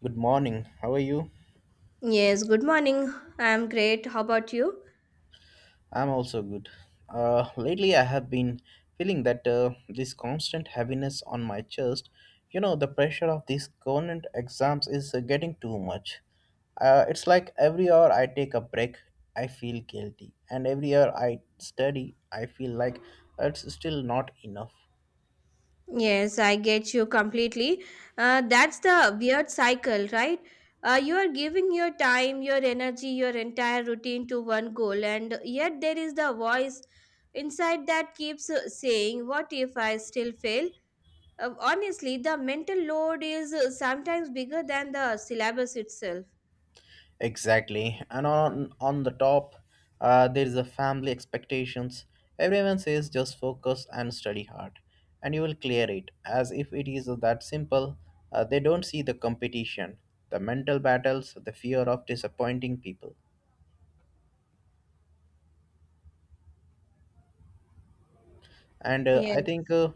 Good morning. How are you? Yes, good morning. I'm great. How about you? I'm also good. Lately, I have been feeling that this constant heaviness on my chest. You know, the pressure of these current exams is getting too much. It's like every hour I take a break, I feel guilty, and every hour I study, I feel like it's still not enough. Yes, I get you completely. That's the weird cycle, right? You are giving your time, your energy, your entire routine to one goal, and yet there is the voice inside that keeps saying, what if I still fail? Honestly, the mental load is sometimes bigger than the syllabus itself. Exactly. And on the top, there is a family expectations. Everyone says just focus and study hard, and you will clear it. As if it is that simple. They don't see the competition, the mental battles, the fear of disappointing people. And I Yes. think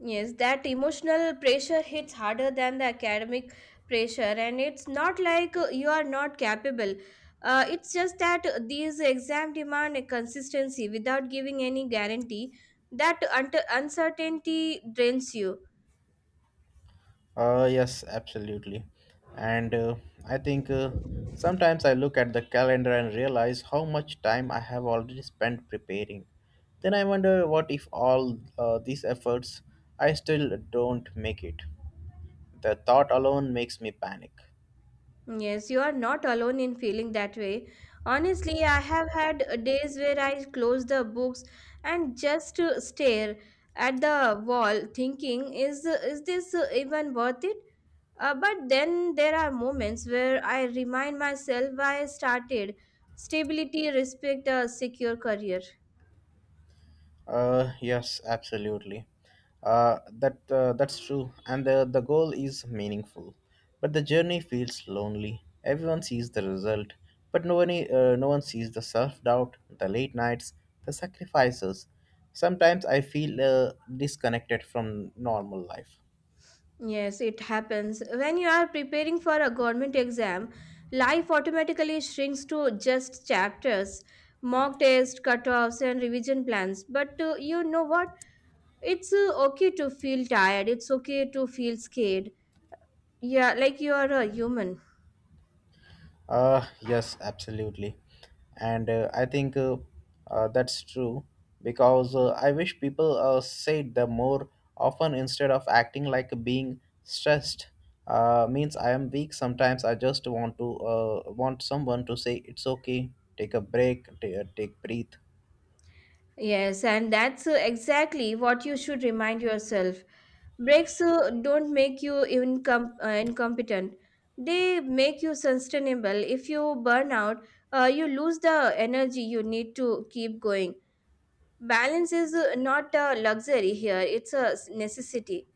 Yes, that emotional pressure hits harder than the academic pressure, and it's not like you are not capable. It's just that these exam demand a consistency without giving any guarantee. That uncertainty drains you. Yes, absolutely. And I think sometimes I look at the calendar and realize how much time I have already spent preparing. Then I wonder what if all these efforts I still don't make it. The thought alone makes me panic. Yes, you are not alone in feeling that way. Honestly, I have had days where I close the books and just stare at the wall thinking is this even worth it? But then there are moments where I remind myself why I started. Stability, respect, a secure career. Yes, absolutely. That's true, and the goal is meaningful, but the journey feels lonely. Everyone sees the result, but no one sees the self doubt, the late nights, the sacrifices. Sometimes I feel disconnected from normal life. Yes, it happens. When you are preparing for a government exam, life automatically shrinks to just chapters, mock tests, cutoffs, and revision plans. But you know what? It's okay to feel tired. It's okay to feel scared. Yeah, like you are a human. Yes, absolutely. And I think that's true because I wish people said the more often instead of acting like being stressed means I am weak. Sometimes I just want to want someone to say it's okay, take a break, take breathe. Yes, and that's exactly what you should remind yourself. Breaks don't make you incompetent. They make you sustainable. If you burn out, you lose the energy you need to keep going. Balance is not a luxury here, it's a necessity.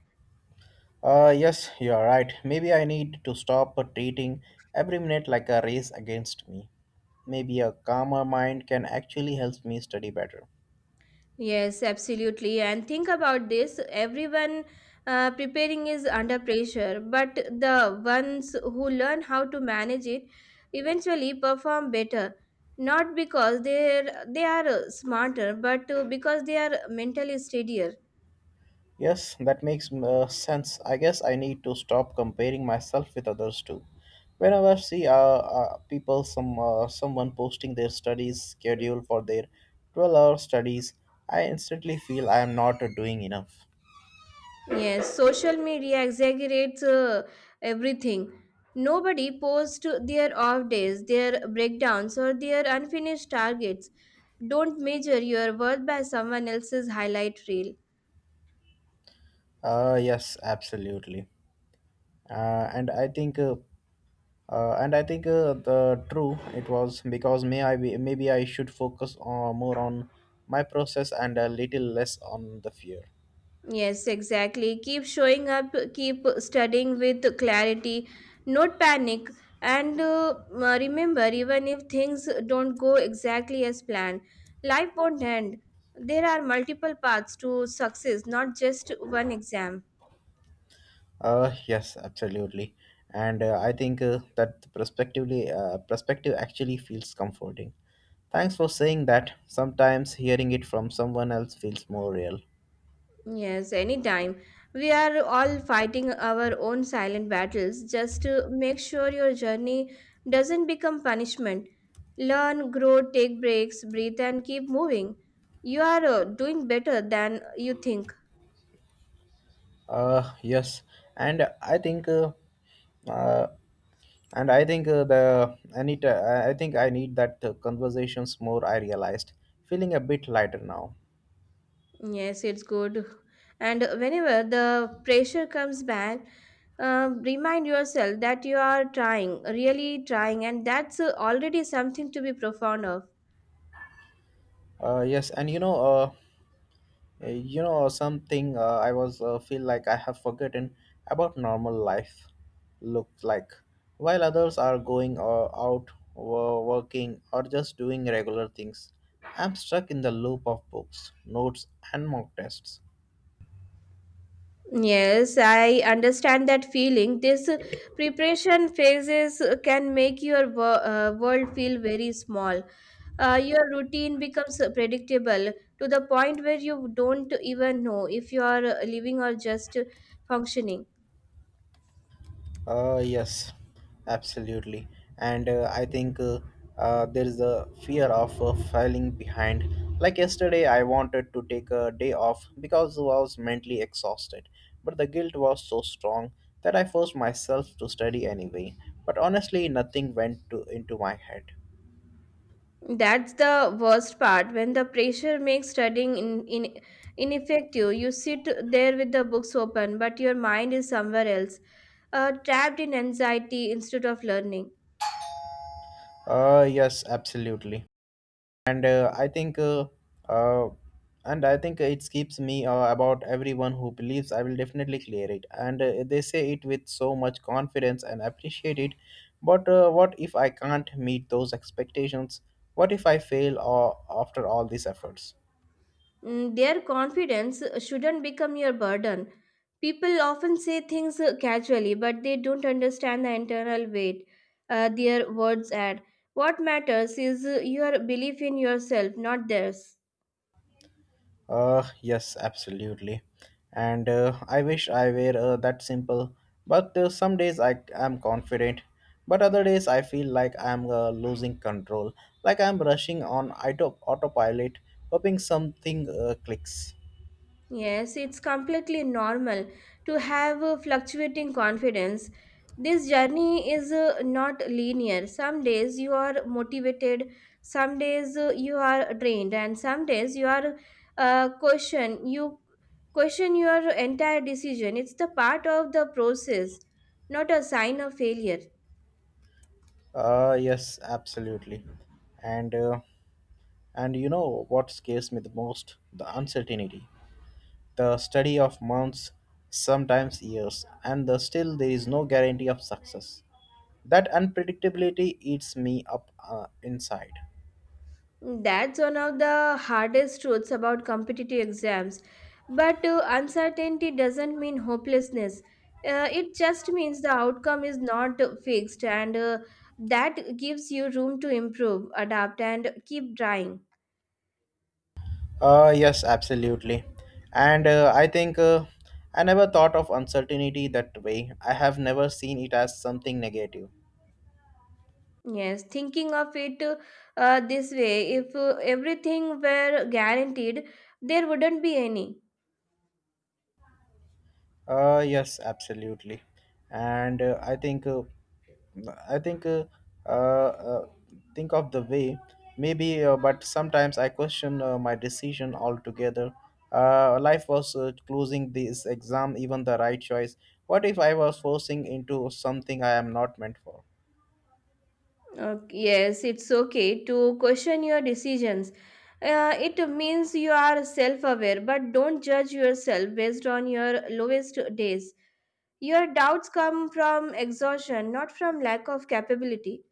Yes, you are right. Maybe I need to stop treating every minute like a race against me. Maybe a calmer mind can actually help me study better. Yes, absolutely. And think about this, everyone preparing is under pressure, but the ones who learn how to manage it eventually perform better. Not because they are smarter, but because they are mentally steadier. Yes, that makes sense. I guess I need to stop comparing myself with others too. Whenever I see people, someone posting their studies schedule for their 12-hour studies, I instantly feel I am not doing enough. Yes, social media exaggerates everything. Nobody posts their off days, their breakdowns, or their unfinished targets. Don't measure your worth by someone else's highlight reel. Yes, absolutely. Uh, and I think, uh, and I think the true it was because maybe I should focus on, more on my process and a little less on the fear. Yes, exactly. Keep showing up, keep studying with clarity, not panic. And remember, even if things don't go exactly as planned, life won't end. There are multiple paths to success, not just one exam. Yes, absolutely. And I think that the perspective actually feels comforting. Thanks for saying that. Sometimes hearing it from someone else feels more real. Yes, anytime. We are all fighting our own silent battles just to make sure your journey doesn't become punishment. Learn, grow, take breaks, breathe, and keep moving. You are doing better than you think. Yes, and I think, uh, uh, and I think the I need, I think I need that conversations more. I realized feeling a bit lighter now. Yes, it's good. And whenever the pressure comes back, remind yourself that you are trying, really trying, and that's already something to be profound of. Yes. You know something I was feel like I have forgotten about normal life. Looked like while others are going out, working or just doing regular things, I'm stuck in the loop of books, notes, and mock tests. Yes, I understand that feeling. This preparation phases can make your world feel very small. Your routine becomes predictable to the point where you don't even know if you are living or just functioning. Yes, absolutely. And I think there is a fear of falling behind. Like yesterday, I wanted to take a day off because I was mentally exhausted, but the guilt was so strong that I forced myself to study anyway. But honestly, nothing went into my head. That's the worst part. When the pressure makes studying in ineffective, you sit there with the books open, but your mind is somewhere else, trapped in anxiety instead of learning. Yes, absolutely. And I think uh, and I think it keeps me about everyone who believes I will definitely clear it, and they say it with so much confidence and appreciate it, but what if I can't meet those expectations? What if I fail after all these efforts? Mm, their confidence shouldn't become your burden. People often say things casually, but they don't understand the internal weight their words add. What matters is your belief in yourself, not theirs. Yes, absolutely. And I wish I were that simple. But some days I am confident, but other days I feel like I'm losing control, like I'm rushing on autopilot, hoping something clicks. Yes, it's completely normal to have a fluctuating confidence. This journey is not linear. Some days you are motivated, some days you are drained, and some days you are uh, question you question your entire decision. It's the part of the process, not a sign of failure. Yes, absolutely. And uh, and you know what scares me the most? The uncertainty. The study of months, sometimes years, and the, still there is no guarantee of success. That unpredictability eats me up inside. That's one of the hardest truths about competitive exams. But uncertainty doesn't mean hopelessness. It just means the outcome is not fixed, and that gives you room to improve, adapt, and keep trying. Yes, absolutely. And I never thought of uncertainty that way. I have never seen it as something negative. Yes, thinking of it this way, if everything were guaranteed, there wouldn't be any. Yes, absolutely. And I uh, uh, think of the way maybe but sometimes I question my decision altogether. Life was closing this exam even the right choice. What if I was forcing into something I am not meant for? Yes, it's okay to question your decisions. It means you are self aware, but don't judge yourself based on your lowest days. Your doubts come from exhaustion, not from lack of capability.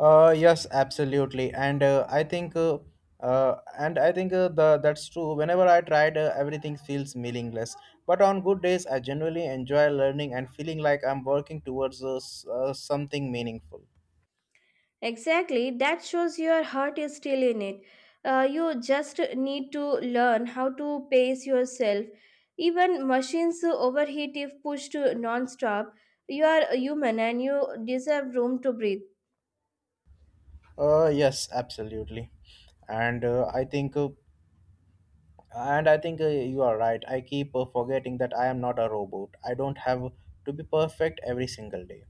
Yes, absolutely, and I think, and I think the that's true. Whenever I tried, everything feels meaningless. But on good days, I genuinely enjoy learning and feeling like I'm working towards something meaningful. Exactly, that shows your heart is still in it. You just need to learn how to pace yourself. Even machines overheat if pushed non stop. You are human and you deserve room to breathe. Yes, absolutely, and I think, and I think you are right. I keep forgetting that I am not a robot. I don't have to be perfect every single day.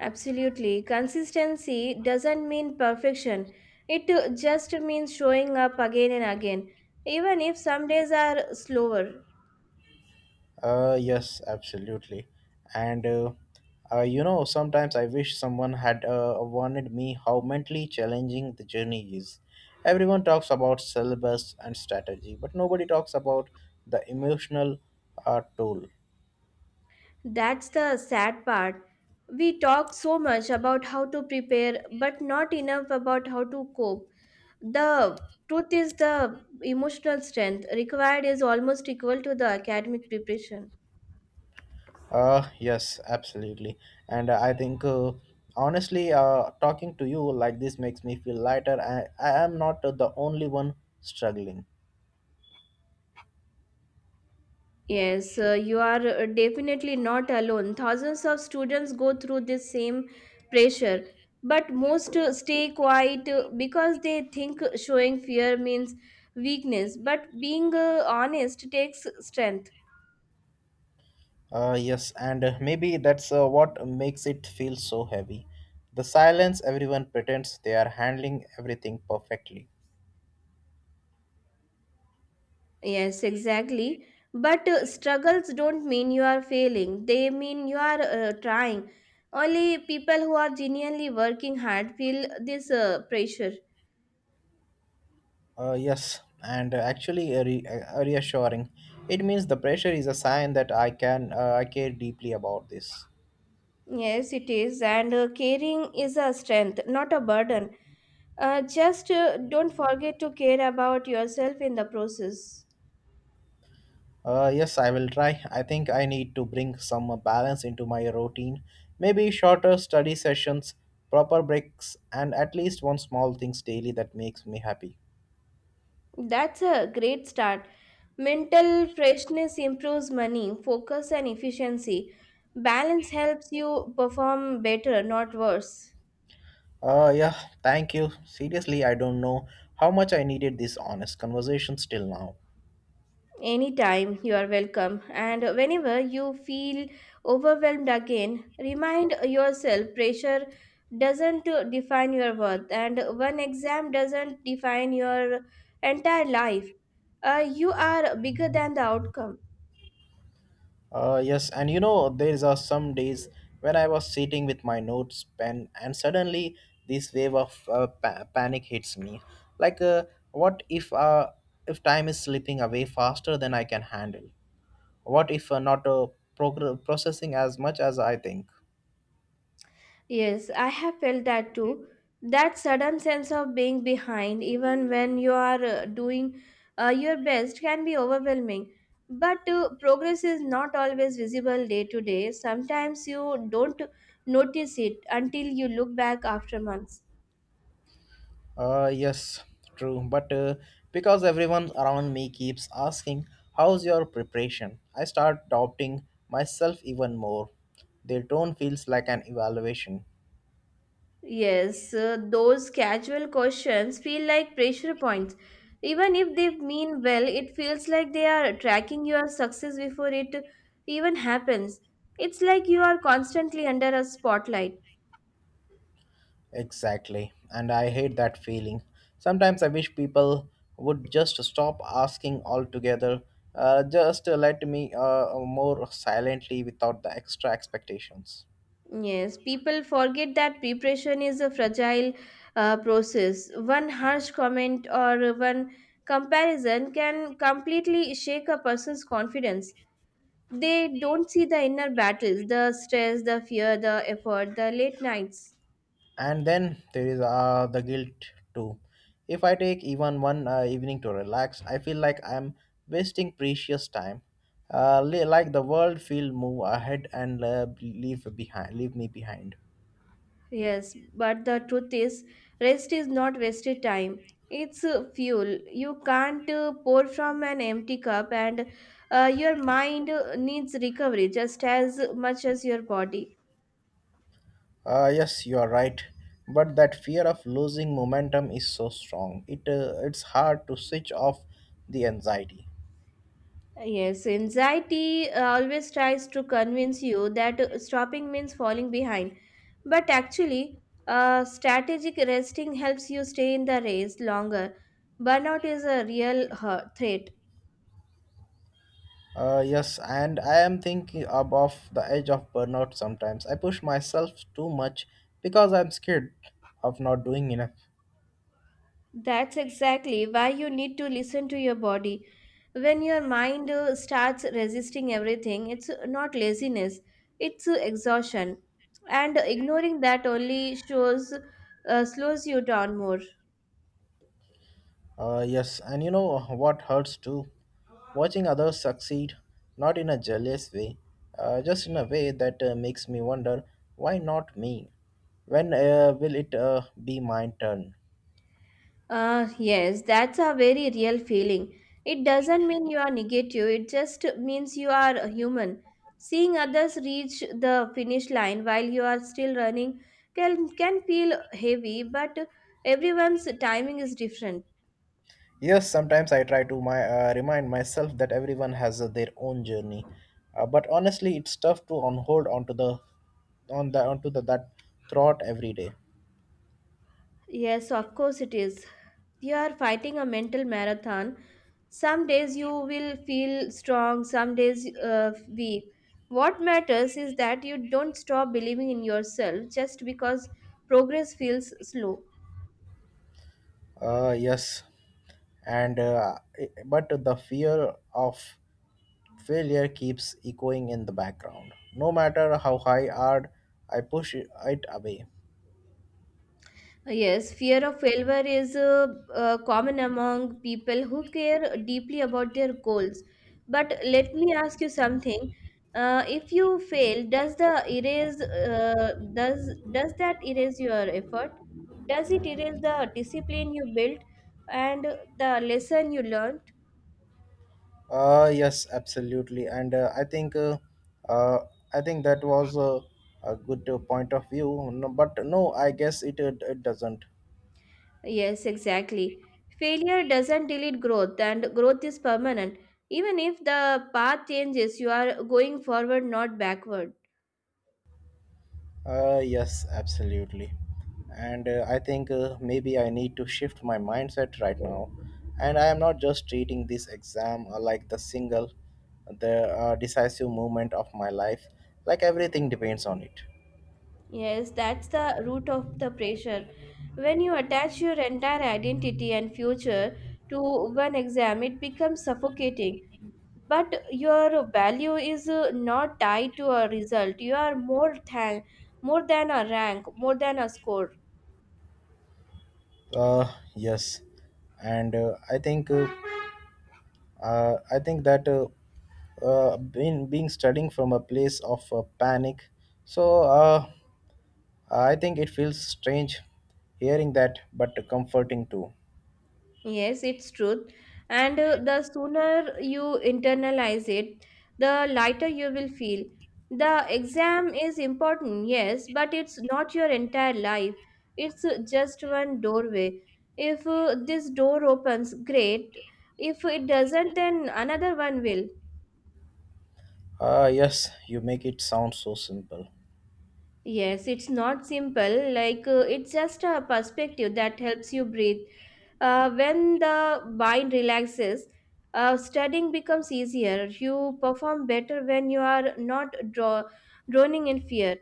Absolutely. Consistency doesn't mean perfection. It just means showing up again and again, even if some days are slower. Yes, absolutely. And you know, sometimes I wish someone had warned me how mentally challenging the journey is. Everyone talks about syllabus and strategy, but nobody talks about the emotional toll. That's the sad part. We talk so much about how to prepare, but not enough about how to cope. The truth is, the emotional strength required is almost equal to the academic preparation. Yes, absolutely. And honestly, talking to you like this makes me feel lighter. I am not the only one struggling. Yes, you are definitely not alone. Thousands of students go through this same pressure, but most stay quiet because they think showing fear means weakness. But being honest takes strength. Yes, and maybe that's what makes it feel so heavy. The silence everyone pretends they are handling everything perfectly. Yes, exactly. But struggles don't mean you are failing, they mean you are trying. Only people who are genuinely working hard feel this pressure. Yes, and actually reassuring. It means the pressure is a sign that I can I care deeply about this. Yes, it is. And caring is a strength, not a burden. Just don't forget to care about yourself in the process. Yes, I will try. I think I need to bring some balance into my routine. Maybe shorter study sessions, proper breaks, and at least one small things daily that makes me happy. That's a great start. Mental freshness improves money, focus, and efficiency. Balance helps you perform better, not worse. Yeah, thank you. Seriously, I don't know how much I needed this honest conversation till now. Anytime, you are welcome, and whenever you feel overwhelmed again, remind yourself pressure doesn't define your worth, and one exam doesn't define your entire life. You are bigger than the outcome. Yes, and you know, there are some days when I was sitting with my notes pen and suddenly this wave of panic hits me. Like, what if time is slipping away faster than I can handle? What if not progr- processing as much as I think? Yes, I have felt that too. That sudden sense of being behind, even when you are doing your best, can be overwhelming. But progress is not always visible day to day. Sometimes you don't notice it until you look back after months. Yes, true. But because everyone around me keeps asking, how's your preparation? I start doubting myself even more. Their tone feels like an evaluation. Yes, those casual questions feel like pressure points. Even if they mean well, it feels like they are tracking your success before it even happens. It's like you are constantly under a spotlight. Exactly. And I hate that feeling. Sometimes I wish people would just stop asking altogether. Just Let me more silently without the extra expectations. Yes, people forget that preparation is a fragile process. One harsh comment or one comparison can completely shake a person's confidence. They don't see the inner battles, the stress, the fear, the effort, the late nights. And then there is the guilt too. If I take even one evening to relax, I feel like I'm wasting precious time, like the world will move ahead and leave me behind. Yes, but the truth is rest is not wasted time, it's fuel. You can't pour from an empty cup, and your mind needs recovery just as much as your body. Yes, you are right, but that fear of losing momentum is so strong, it it's hard to switch off the anxiety. Yes, anxiety always tries to convince you that stopping means falling behind. But actually, strategic resting helps you stay in the race longer. Burnout is a real threat. Yes, and I am thinking above the edge of burnout sometimes. I push myself too much because I'm scared of not doing enough. That's exactly why you need to listen to your body. When your mind starts resisting everything, it's not laziness, it's exhaustion. And ignoring that only shows slows you down more. Yes, and you know what hurts too? Watching others succeed, not in a jealous way, just in a way that makes me wonder, why not me? When will it be my turn? Yes, that's a very real feeling. It doesn't mean you are negative, it just means you are a human. Seeing others reach the finish line while you are still running can feel heavy, but everyone's timing is different. Yes, sometimes I try to remind myself that everyone has their own journey, but honestly, it's tough to on hold onto the that throat every day. Yes, of course it is. You are fighting a mental marathon. Some days you will feel strong, some days weak. What matters is that you don't stop believing in yourself just because progress feels slow. Yes, and but the fear of failure keeps echoing in the background, no matter how high hard I push it away. Yes, fear of failure is common among people who care deeply about their goals. But let me ask you something. If you fail, does that erase your effort? Does it erase the discipline you built and the lesson you learned? Yes, absolutely, and uh i think that was a good point of view. No, I guess it it doesn't. Yes, exactly. Failure doesn't delete growth, and growth is permanent. Even if the path changes, you are going forward, not backward. Yes, absolutely. And I think maybe I need to shift my mindset right now. And I am not just treating this exam like the single, the decisive moment of my life, like everything depends on it. Yes, that's the root of the pressure. When you attach your entire identity and future to one exam, it becomes suffocating. But your value is not tied to a result. You are more than a rank, more than a score. Yes. And I think that been being studying from a place of panic. So I think it feels strange hearing that, but comforting too. Yes, it's truth. And the sooner you internalize it, the lighter you will feel. The exam is important, yes, but it's not your entire life. It's just one doorway. If this door opens, great. If it doesn't, then another one will. Yes, you make it sound so simple. Yes, it's not simple. Like it's just a perspective that helps you breathe. When the mind relaxes, studying becomes easier. You perform better when you are not droning in fear.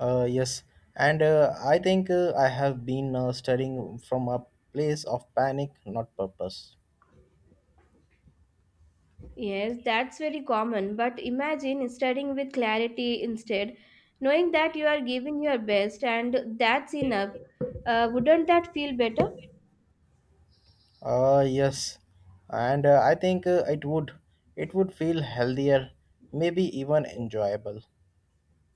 Yes, and I have been studying from a place of panic, not purpose. Yes, that's very common. But imagine studying with clarity instead, knowing that you are giving your best and that's enough. Wouldn't that feel better? Yes, and I think it would feel healthier, maybe even enjoyable.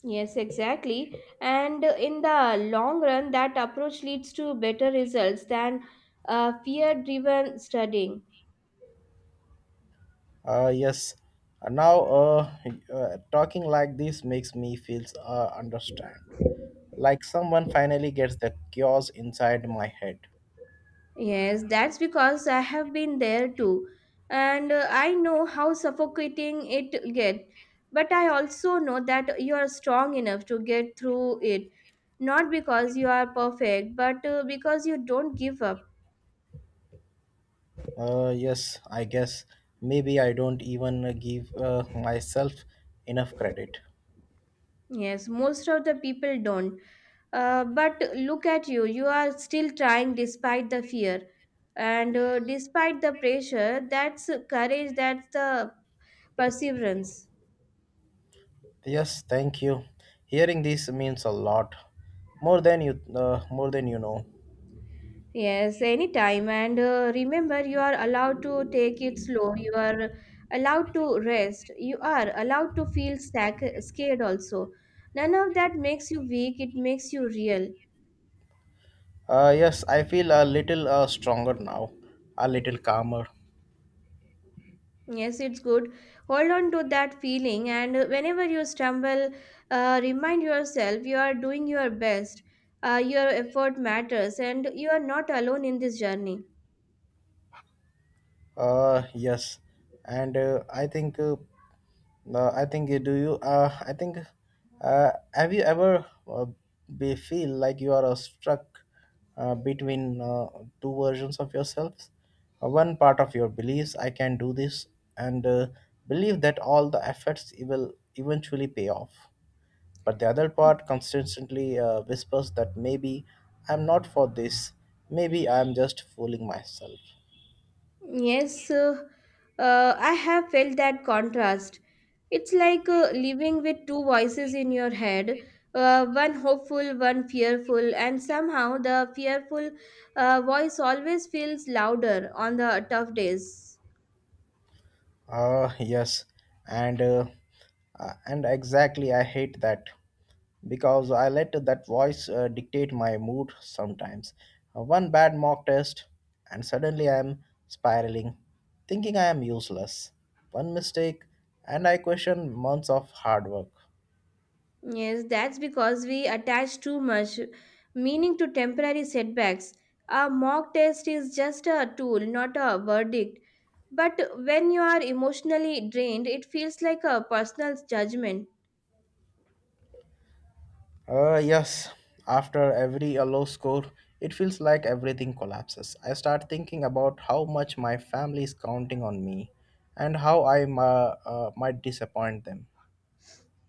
Yes, exactly. And in the long run, that approach leads to better results than fear driven studying. Yes. Now talking like this makes me feel understand, like someone finally gets the chaos inside my head. Yes, that's because I have been there too. And I know how suffocating it get. But I also know that you are strong enough to get through it. Not because you are perfect, but because you don't give up. Yes, I guess maybe I don't even give myself enough credit. Yes, most of the people don't. But look at you, you are still trying despite the fear and despite the pressure. That's courage, that's the perseverance. Yes, thank you. Hearing this means a lot, more than more than you know. Yes, anytime. And remember, you are allowed to take it slow, you are allowed to rest, you are allowed to feel scared also. None of that makes you weak, it makes you real. Yes, I feel a little stronger now, a little calmer. Yes, it's good. Hold on to that feeling, and whenever you stumble, remind yourself you are doing your best. Your effort matters, and you are not alone in this journey. Yes, and I think do you I think have you ever be feel like you are struck between two versions of yourselves? One part of your beliefs I can do this and believe that all the efforts will eventually pay off, but the other part constantly whispers that maybe I'm not for this, maybe I'm just fooling myself. Yes, I have felt that contrast. It's like living with two voices in your head, one hopeful, one fearful, and somehow the fearful voice always feels louder on the tough days. Yes, and uh, and exactly, I hate that because I let that voice dictate my mood sometimes. One bad mock test, and suddenly I am spiraling, thinking I am useless. One mistake, and I question months of hard work. Yes, that's because we attach too much meaning to temporary setbacks. A mock test is just a tool, not a verdict. But when you are emotionally drained, it feels like a personal judgment. Yes, after every a low score, it feels like everything collapses. I start thinking about how much my family is counting on me and how I might disappoint them.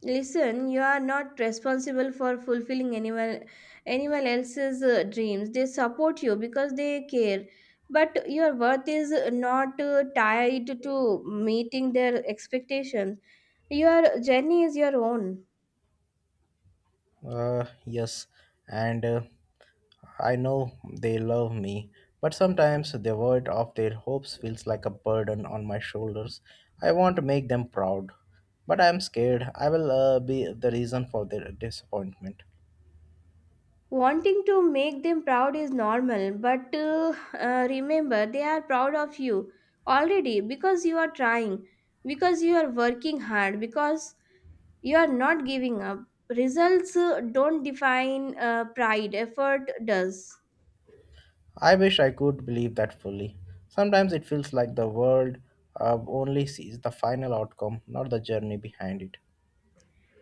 Listen, you are not responsible for fulfilling anyone else's dreams. They support you because they care. But your worth is not tied to meeting their expectations. Your journey is your own. Yes, and I know they love me, but sometimes the weight of their hopes feels like a burden on my shoulders. I want to make them proud, but I am scared I will be the reason for their disappointment. Wanting to make them proud is normal, but remember they are proud of you already because you are trying, because you are working hard, because you are not giving up. Results don't define pride, effort does. I wish I could believe that fully. Sometimes it feels like the world only sees the final outcome, not the journey behind it.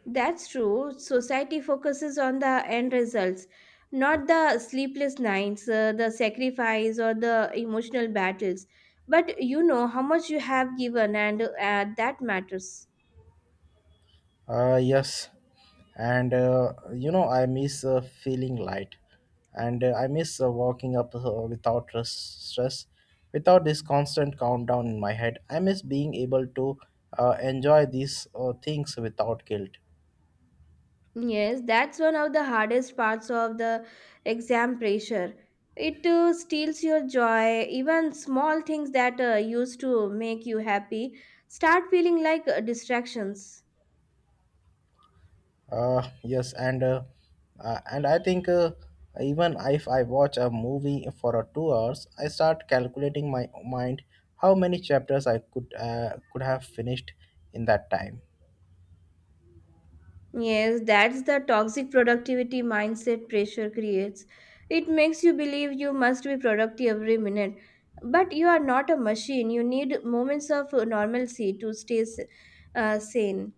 That's true. Society focuses on the end results, not the sleepless nights, the sacrifice, or the emotional battles. But you know how much you have given, and that matters. Yes, and you know, I miss feeling light, and I miss walking up without stress, without this constant countdown in my head. I miss being able to enjoy these things without guilt. Yes, that's one of the hardest parts of the exam pressure. It steals your joy. Even small things that used to make you happy start feeling like distractions. Yes, and I think even if I watch a movie for 2 hours, I start calculating my mind how many chapters I could have finished in that time. Yes, that's the toxic productivity mindset pressure creates. It makes you believe you must be productive every minute. But you are not a machine. You need moments of normalcy to stay sane.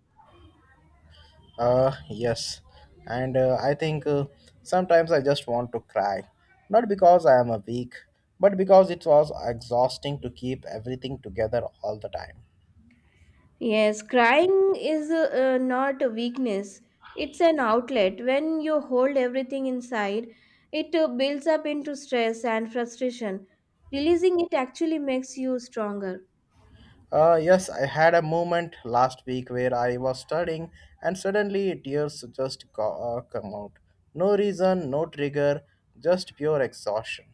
Yes, and I think sometimes I just want to cry, not because I am a weak, but because it was exhausting to keep everything together all the time. Yes, crying is not a weakness. It's an outlet. When you hold everything inside, it builds up into stress and frustration. Releasing it actually makes you stronger. Yes, I had a moment last week where I was studying and suddenly tears just come out. No reason, no trigger, just pure exhaustion.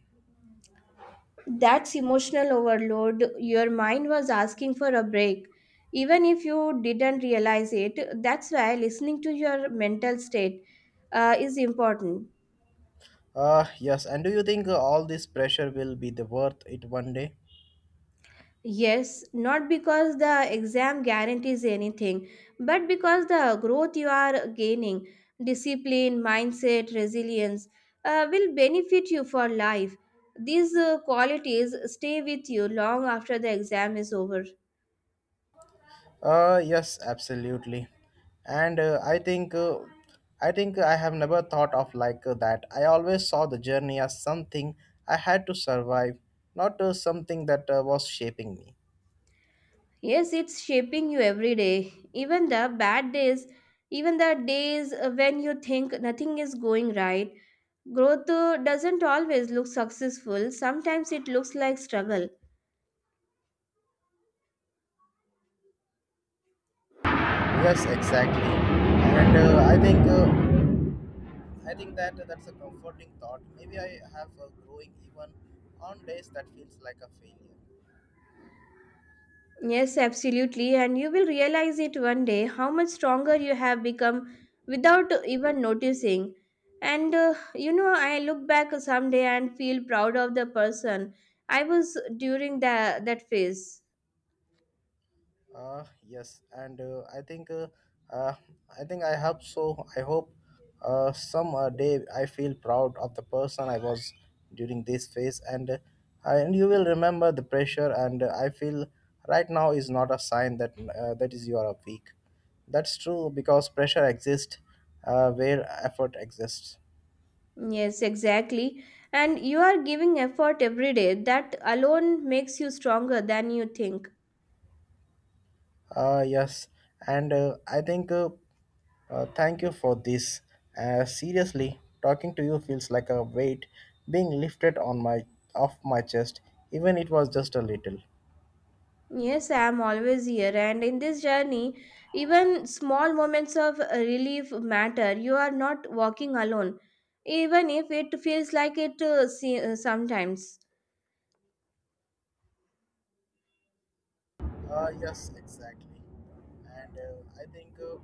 That's emotional overload. Your mind was asking for a break. Even if you didn't realize it, that's why listening to your mental state is important. Yes, and do you think all this pressure will be the worth it one day? Yes, not because the exam guarantees anything, but because the growth you are gaining, discipline, mindset, resilience, will benefit you for life. These qualities stay with you long after the exam is over. Yes, absolutely. And I think I think I have never thought of like that. I always saw the journey as something I had to survive, not something that was shaping me. Yes, it's shaping you every day. Even the bad days, even the days when you think nothing is going right, growth doesn't always look successful. Sometimes it looks like struggle. Yes, exactly. And I think that That's a comforting thought. Maybe I have growing even on days that feels like a failure. Yes, absolutely. And you will realize it one day how much stronger you have become without even noticing. And you know, I look back someday and feel proud of the person I was during that phase. Yes, and I think uh, I think I hope so. I hope some day I feel proud of the person I was during this phase, and you will remember the pressure. And I feel right now is not a sign that that is you are weak. That's true because pressure exists where effort exists. Yes, exactly. And you are giving effort every day. That alone makes you stronger than you think. Yes, and I think thank you for this. Seriously, talking to you feels like a weight being lifted on my off my chest, even it was just a little. Yes, I'm always here, and in this journey, even small moments of relief matter. You are not walking alone, even if it feels like it sometimes. Yes, exactly, and I think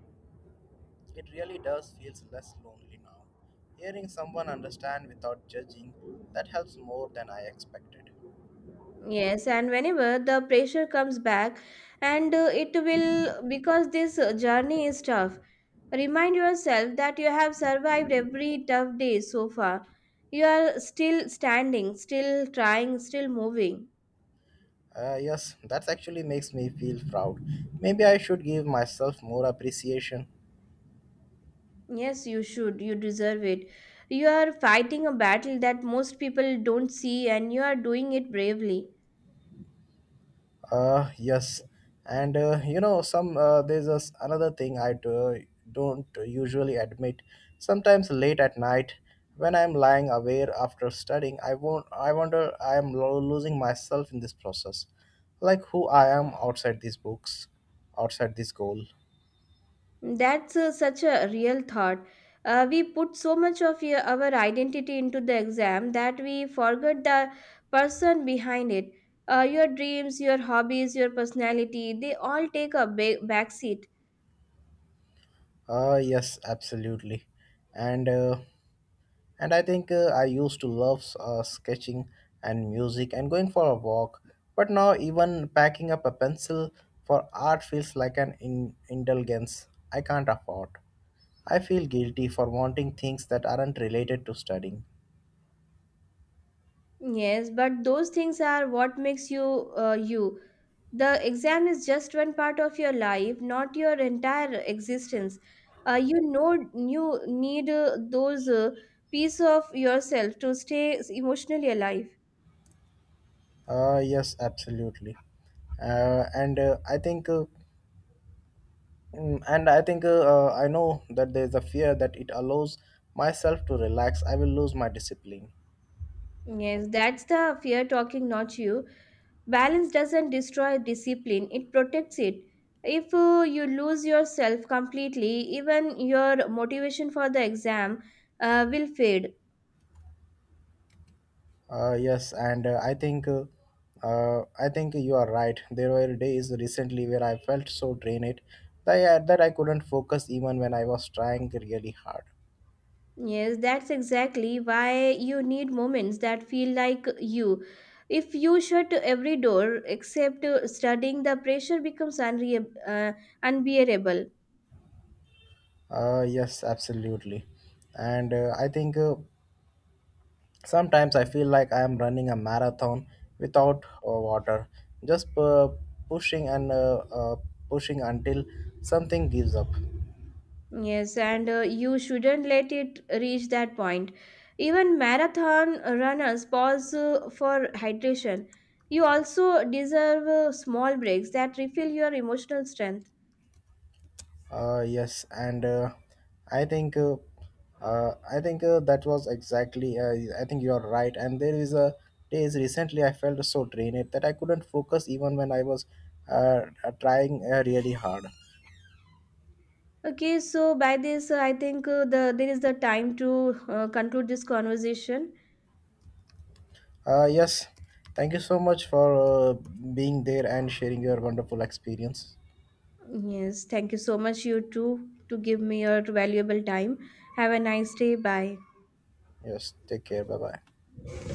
it really does feels less lonely now. Hearing someone understand without judging that helps more than I expected. Yes, and whenever the pressure comes back, and it will because this journey is tough. Remind yourself that you have survived every tough day so far. You are still standing, still trying, still moving. Yes, that actually makes me feel proud. Maybe I should give myself more appreciation. Yes, you should. You deserve it. You are fighting a battle that most people don't see, and you are doing it bravely. Yes, and you know, some there's a s another thing I do, don't usually admit. Sometimes late at night, when I'm lying awake after studying, I won't. I wonder I am losing myself in this process, like who I am outside these books, outside this goal. That's such a real thought. We put so much of your our identity into the exam that we forget the person behind it. Your dreams, your hobbies, your personality, they all take a backseat. Yes, absolutely, and. Uh, And I used to love sketching and music and going for a walk, but now even packing up a pencil for art feels like an indulgence I can't afford. I feel guilty for wanting things that aren't related to studying. Yes, but those things are what makes you you. The exam is just one part of your life, not your entire existence. You know, you need those piece of yourself to stay emotionally alive. Yes, absolutely. And I think, mm, and I think I know that there's a fear that it allows myself to relax. I will lose my discipline. Yes, that's the fear talking, not you. Balance doesn't destroy discipline, it protects it. If you lose yourself completely, even your motivation for the exam will fade. Yes, and I think you are right. There were days recently where I felt so drained that I couldn't focus even when I was trying really hard. Yes, that's exactly why you need moments that feel like you. If you shut every door except studying, the pressure becomes unbearable. Yes, absolutely. And I think Sometimes I feel like I am running a marathon without water, just pushing and pushing until something gives up. Yes, and you shouldn't let it reach that point. Even marathon runners pause for hydration. You also deserve small breaks that refill your emotional strength. Yes, and I think uh, I think that was exactly. I think you are right. And there is a days recently I felt so drained that I couldn't focus even when I was trying really hard. Okay, so by this, I think there is the time to conclude this conversation. Yes, thank you so much for being there and sharing your wonderful experience. Yes, thank you so much, you too, to give me your valuable time. Have a nice day. Bye. Yes, take care. Bye bye.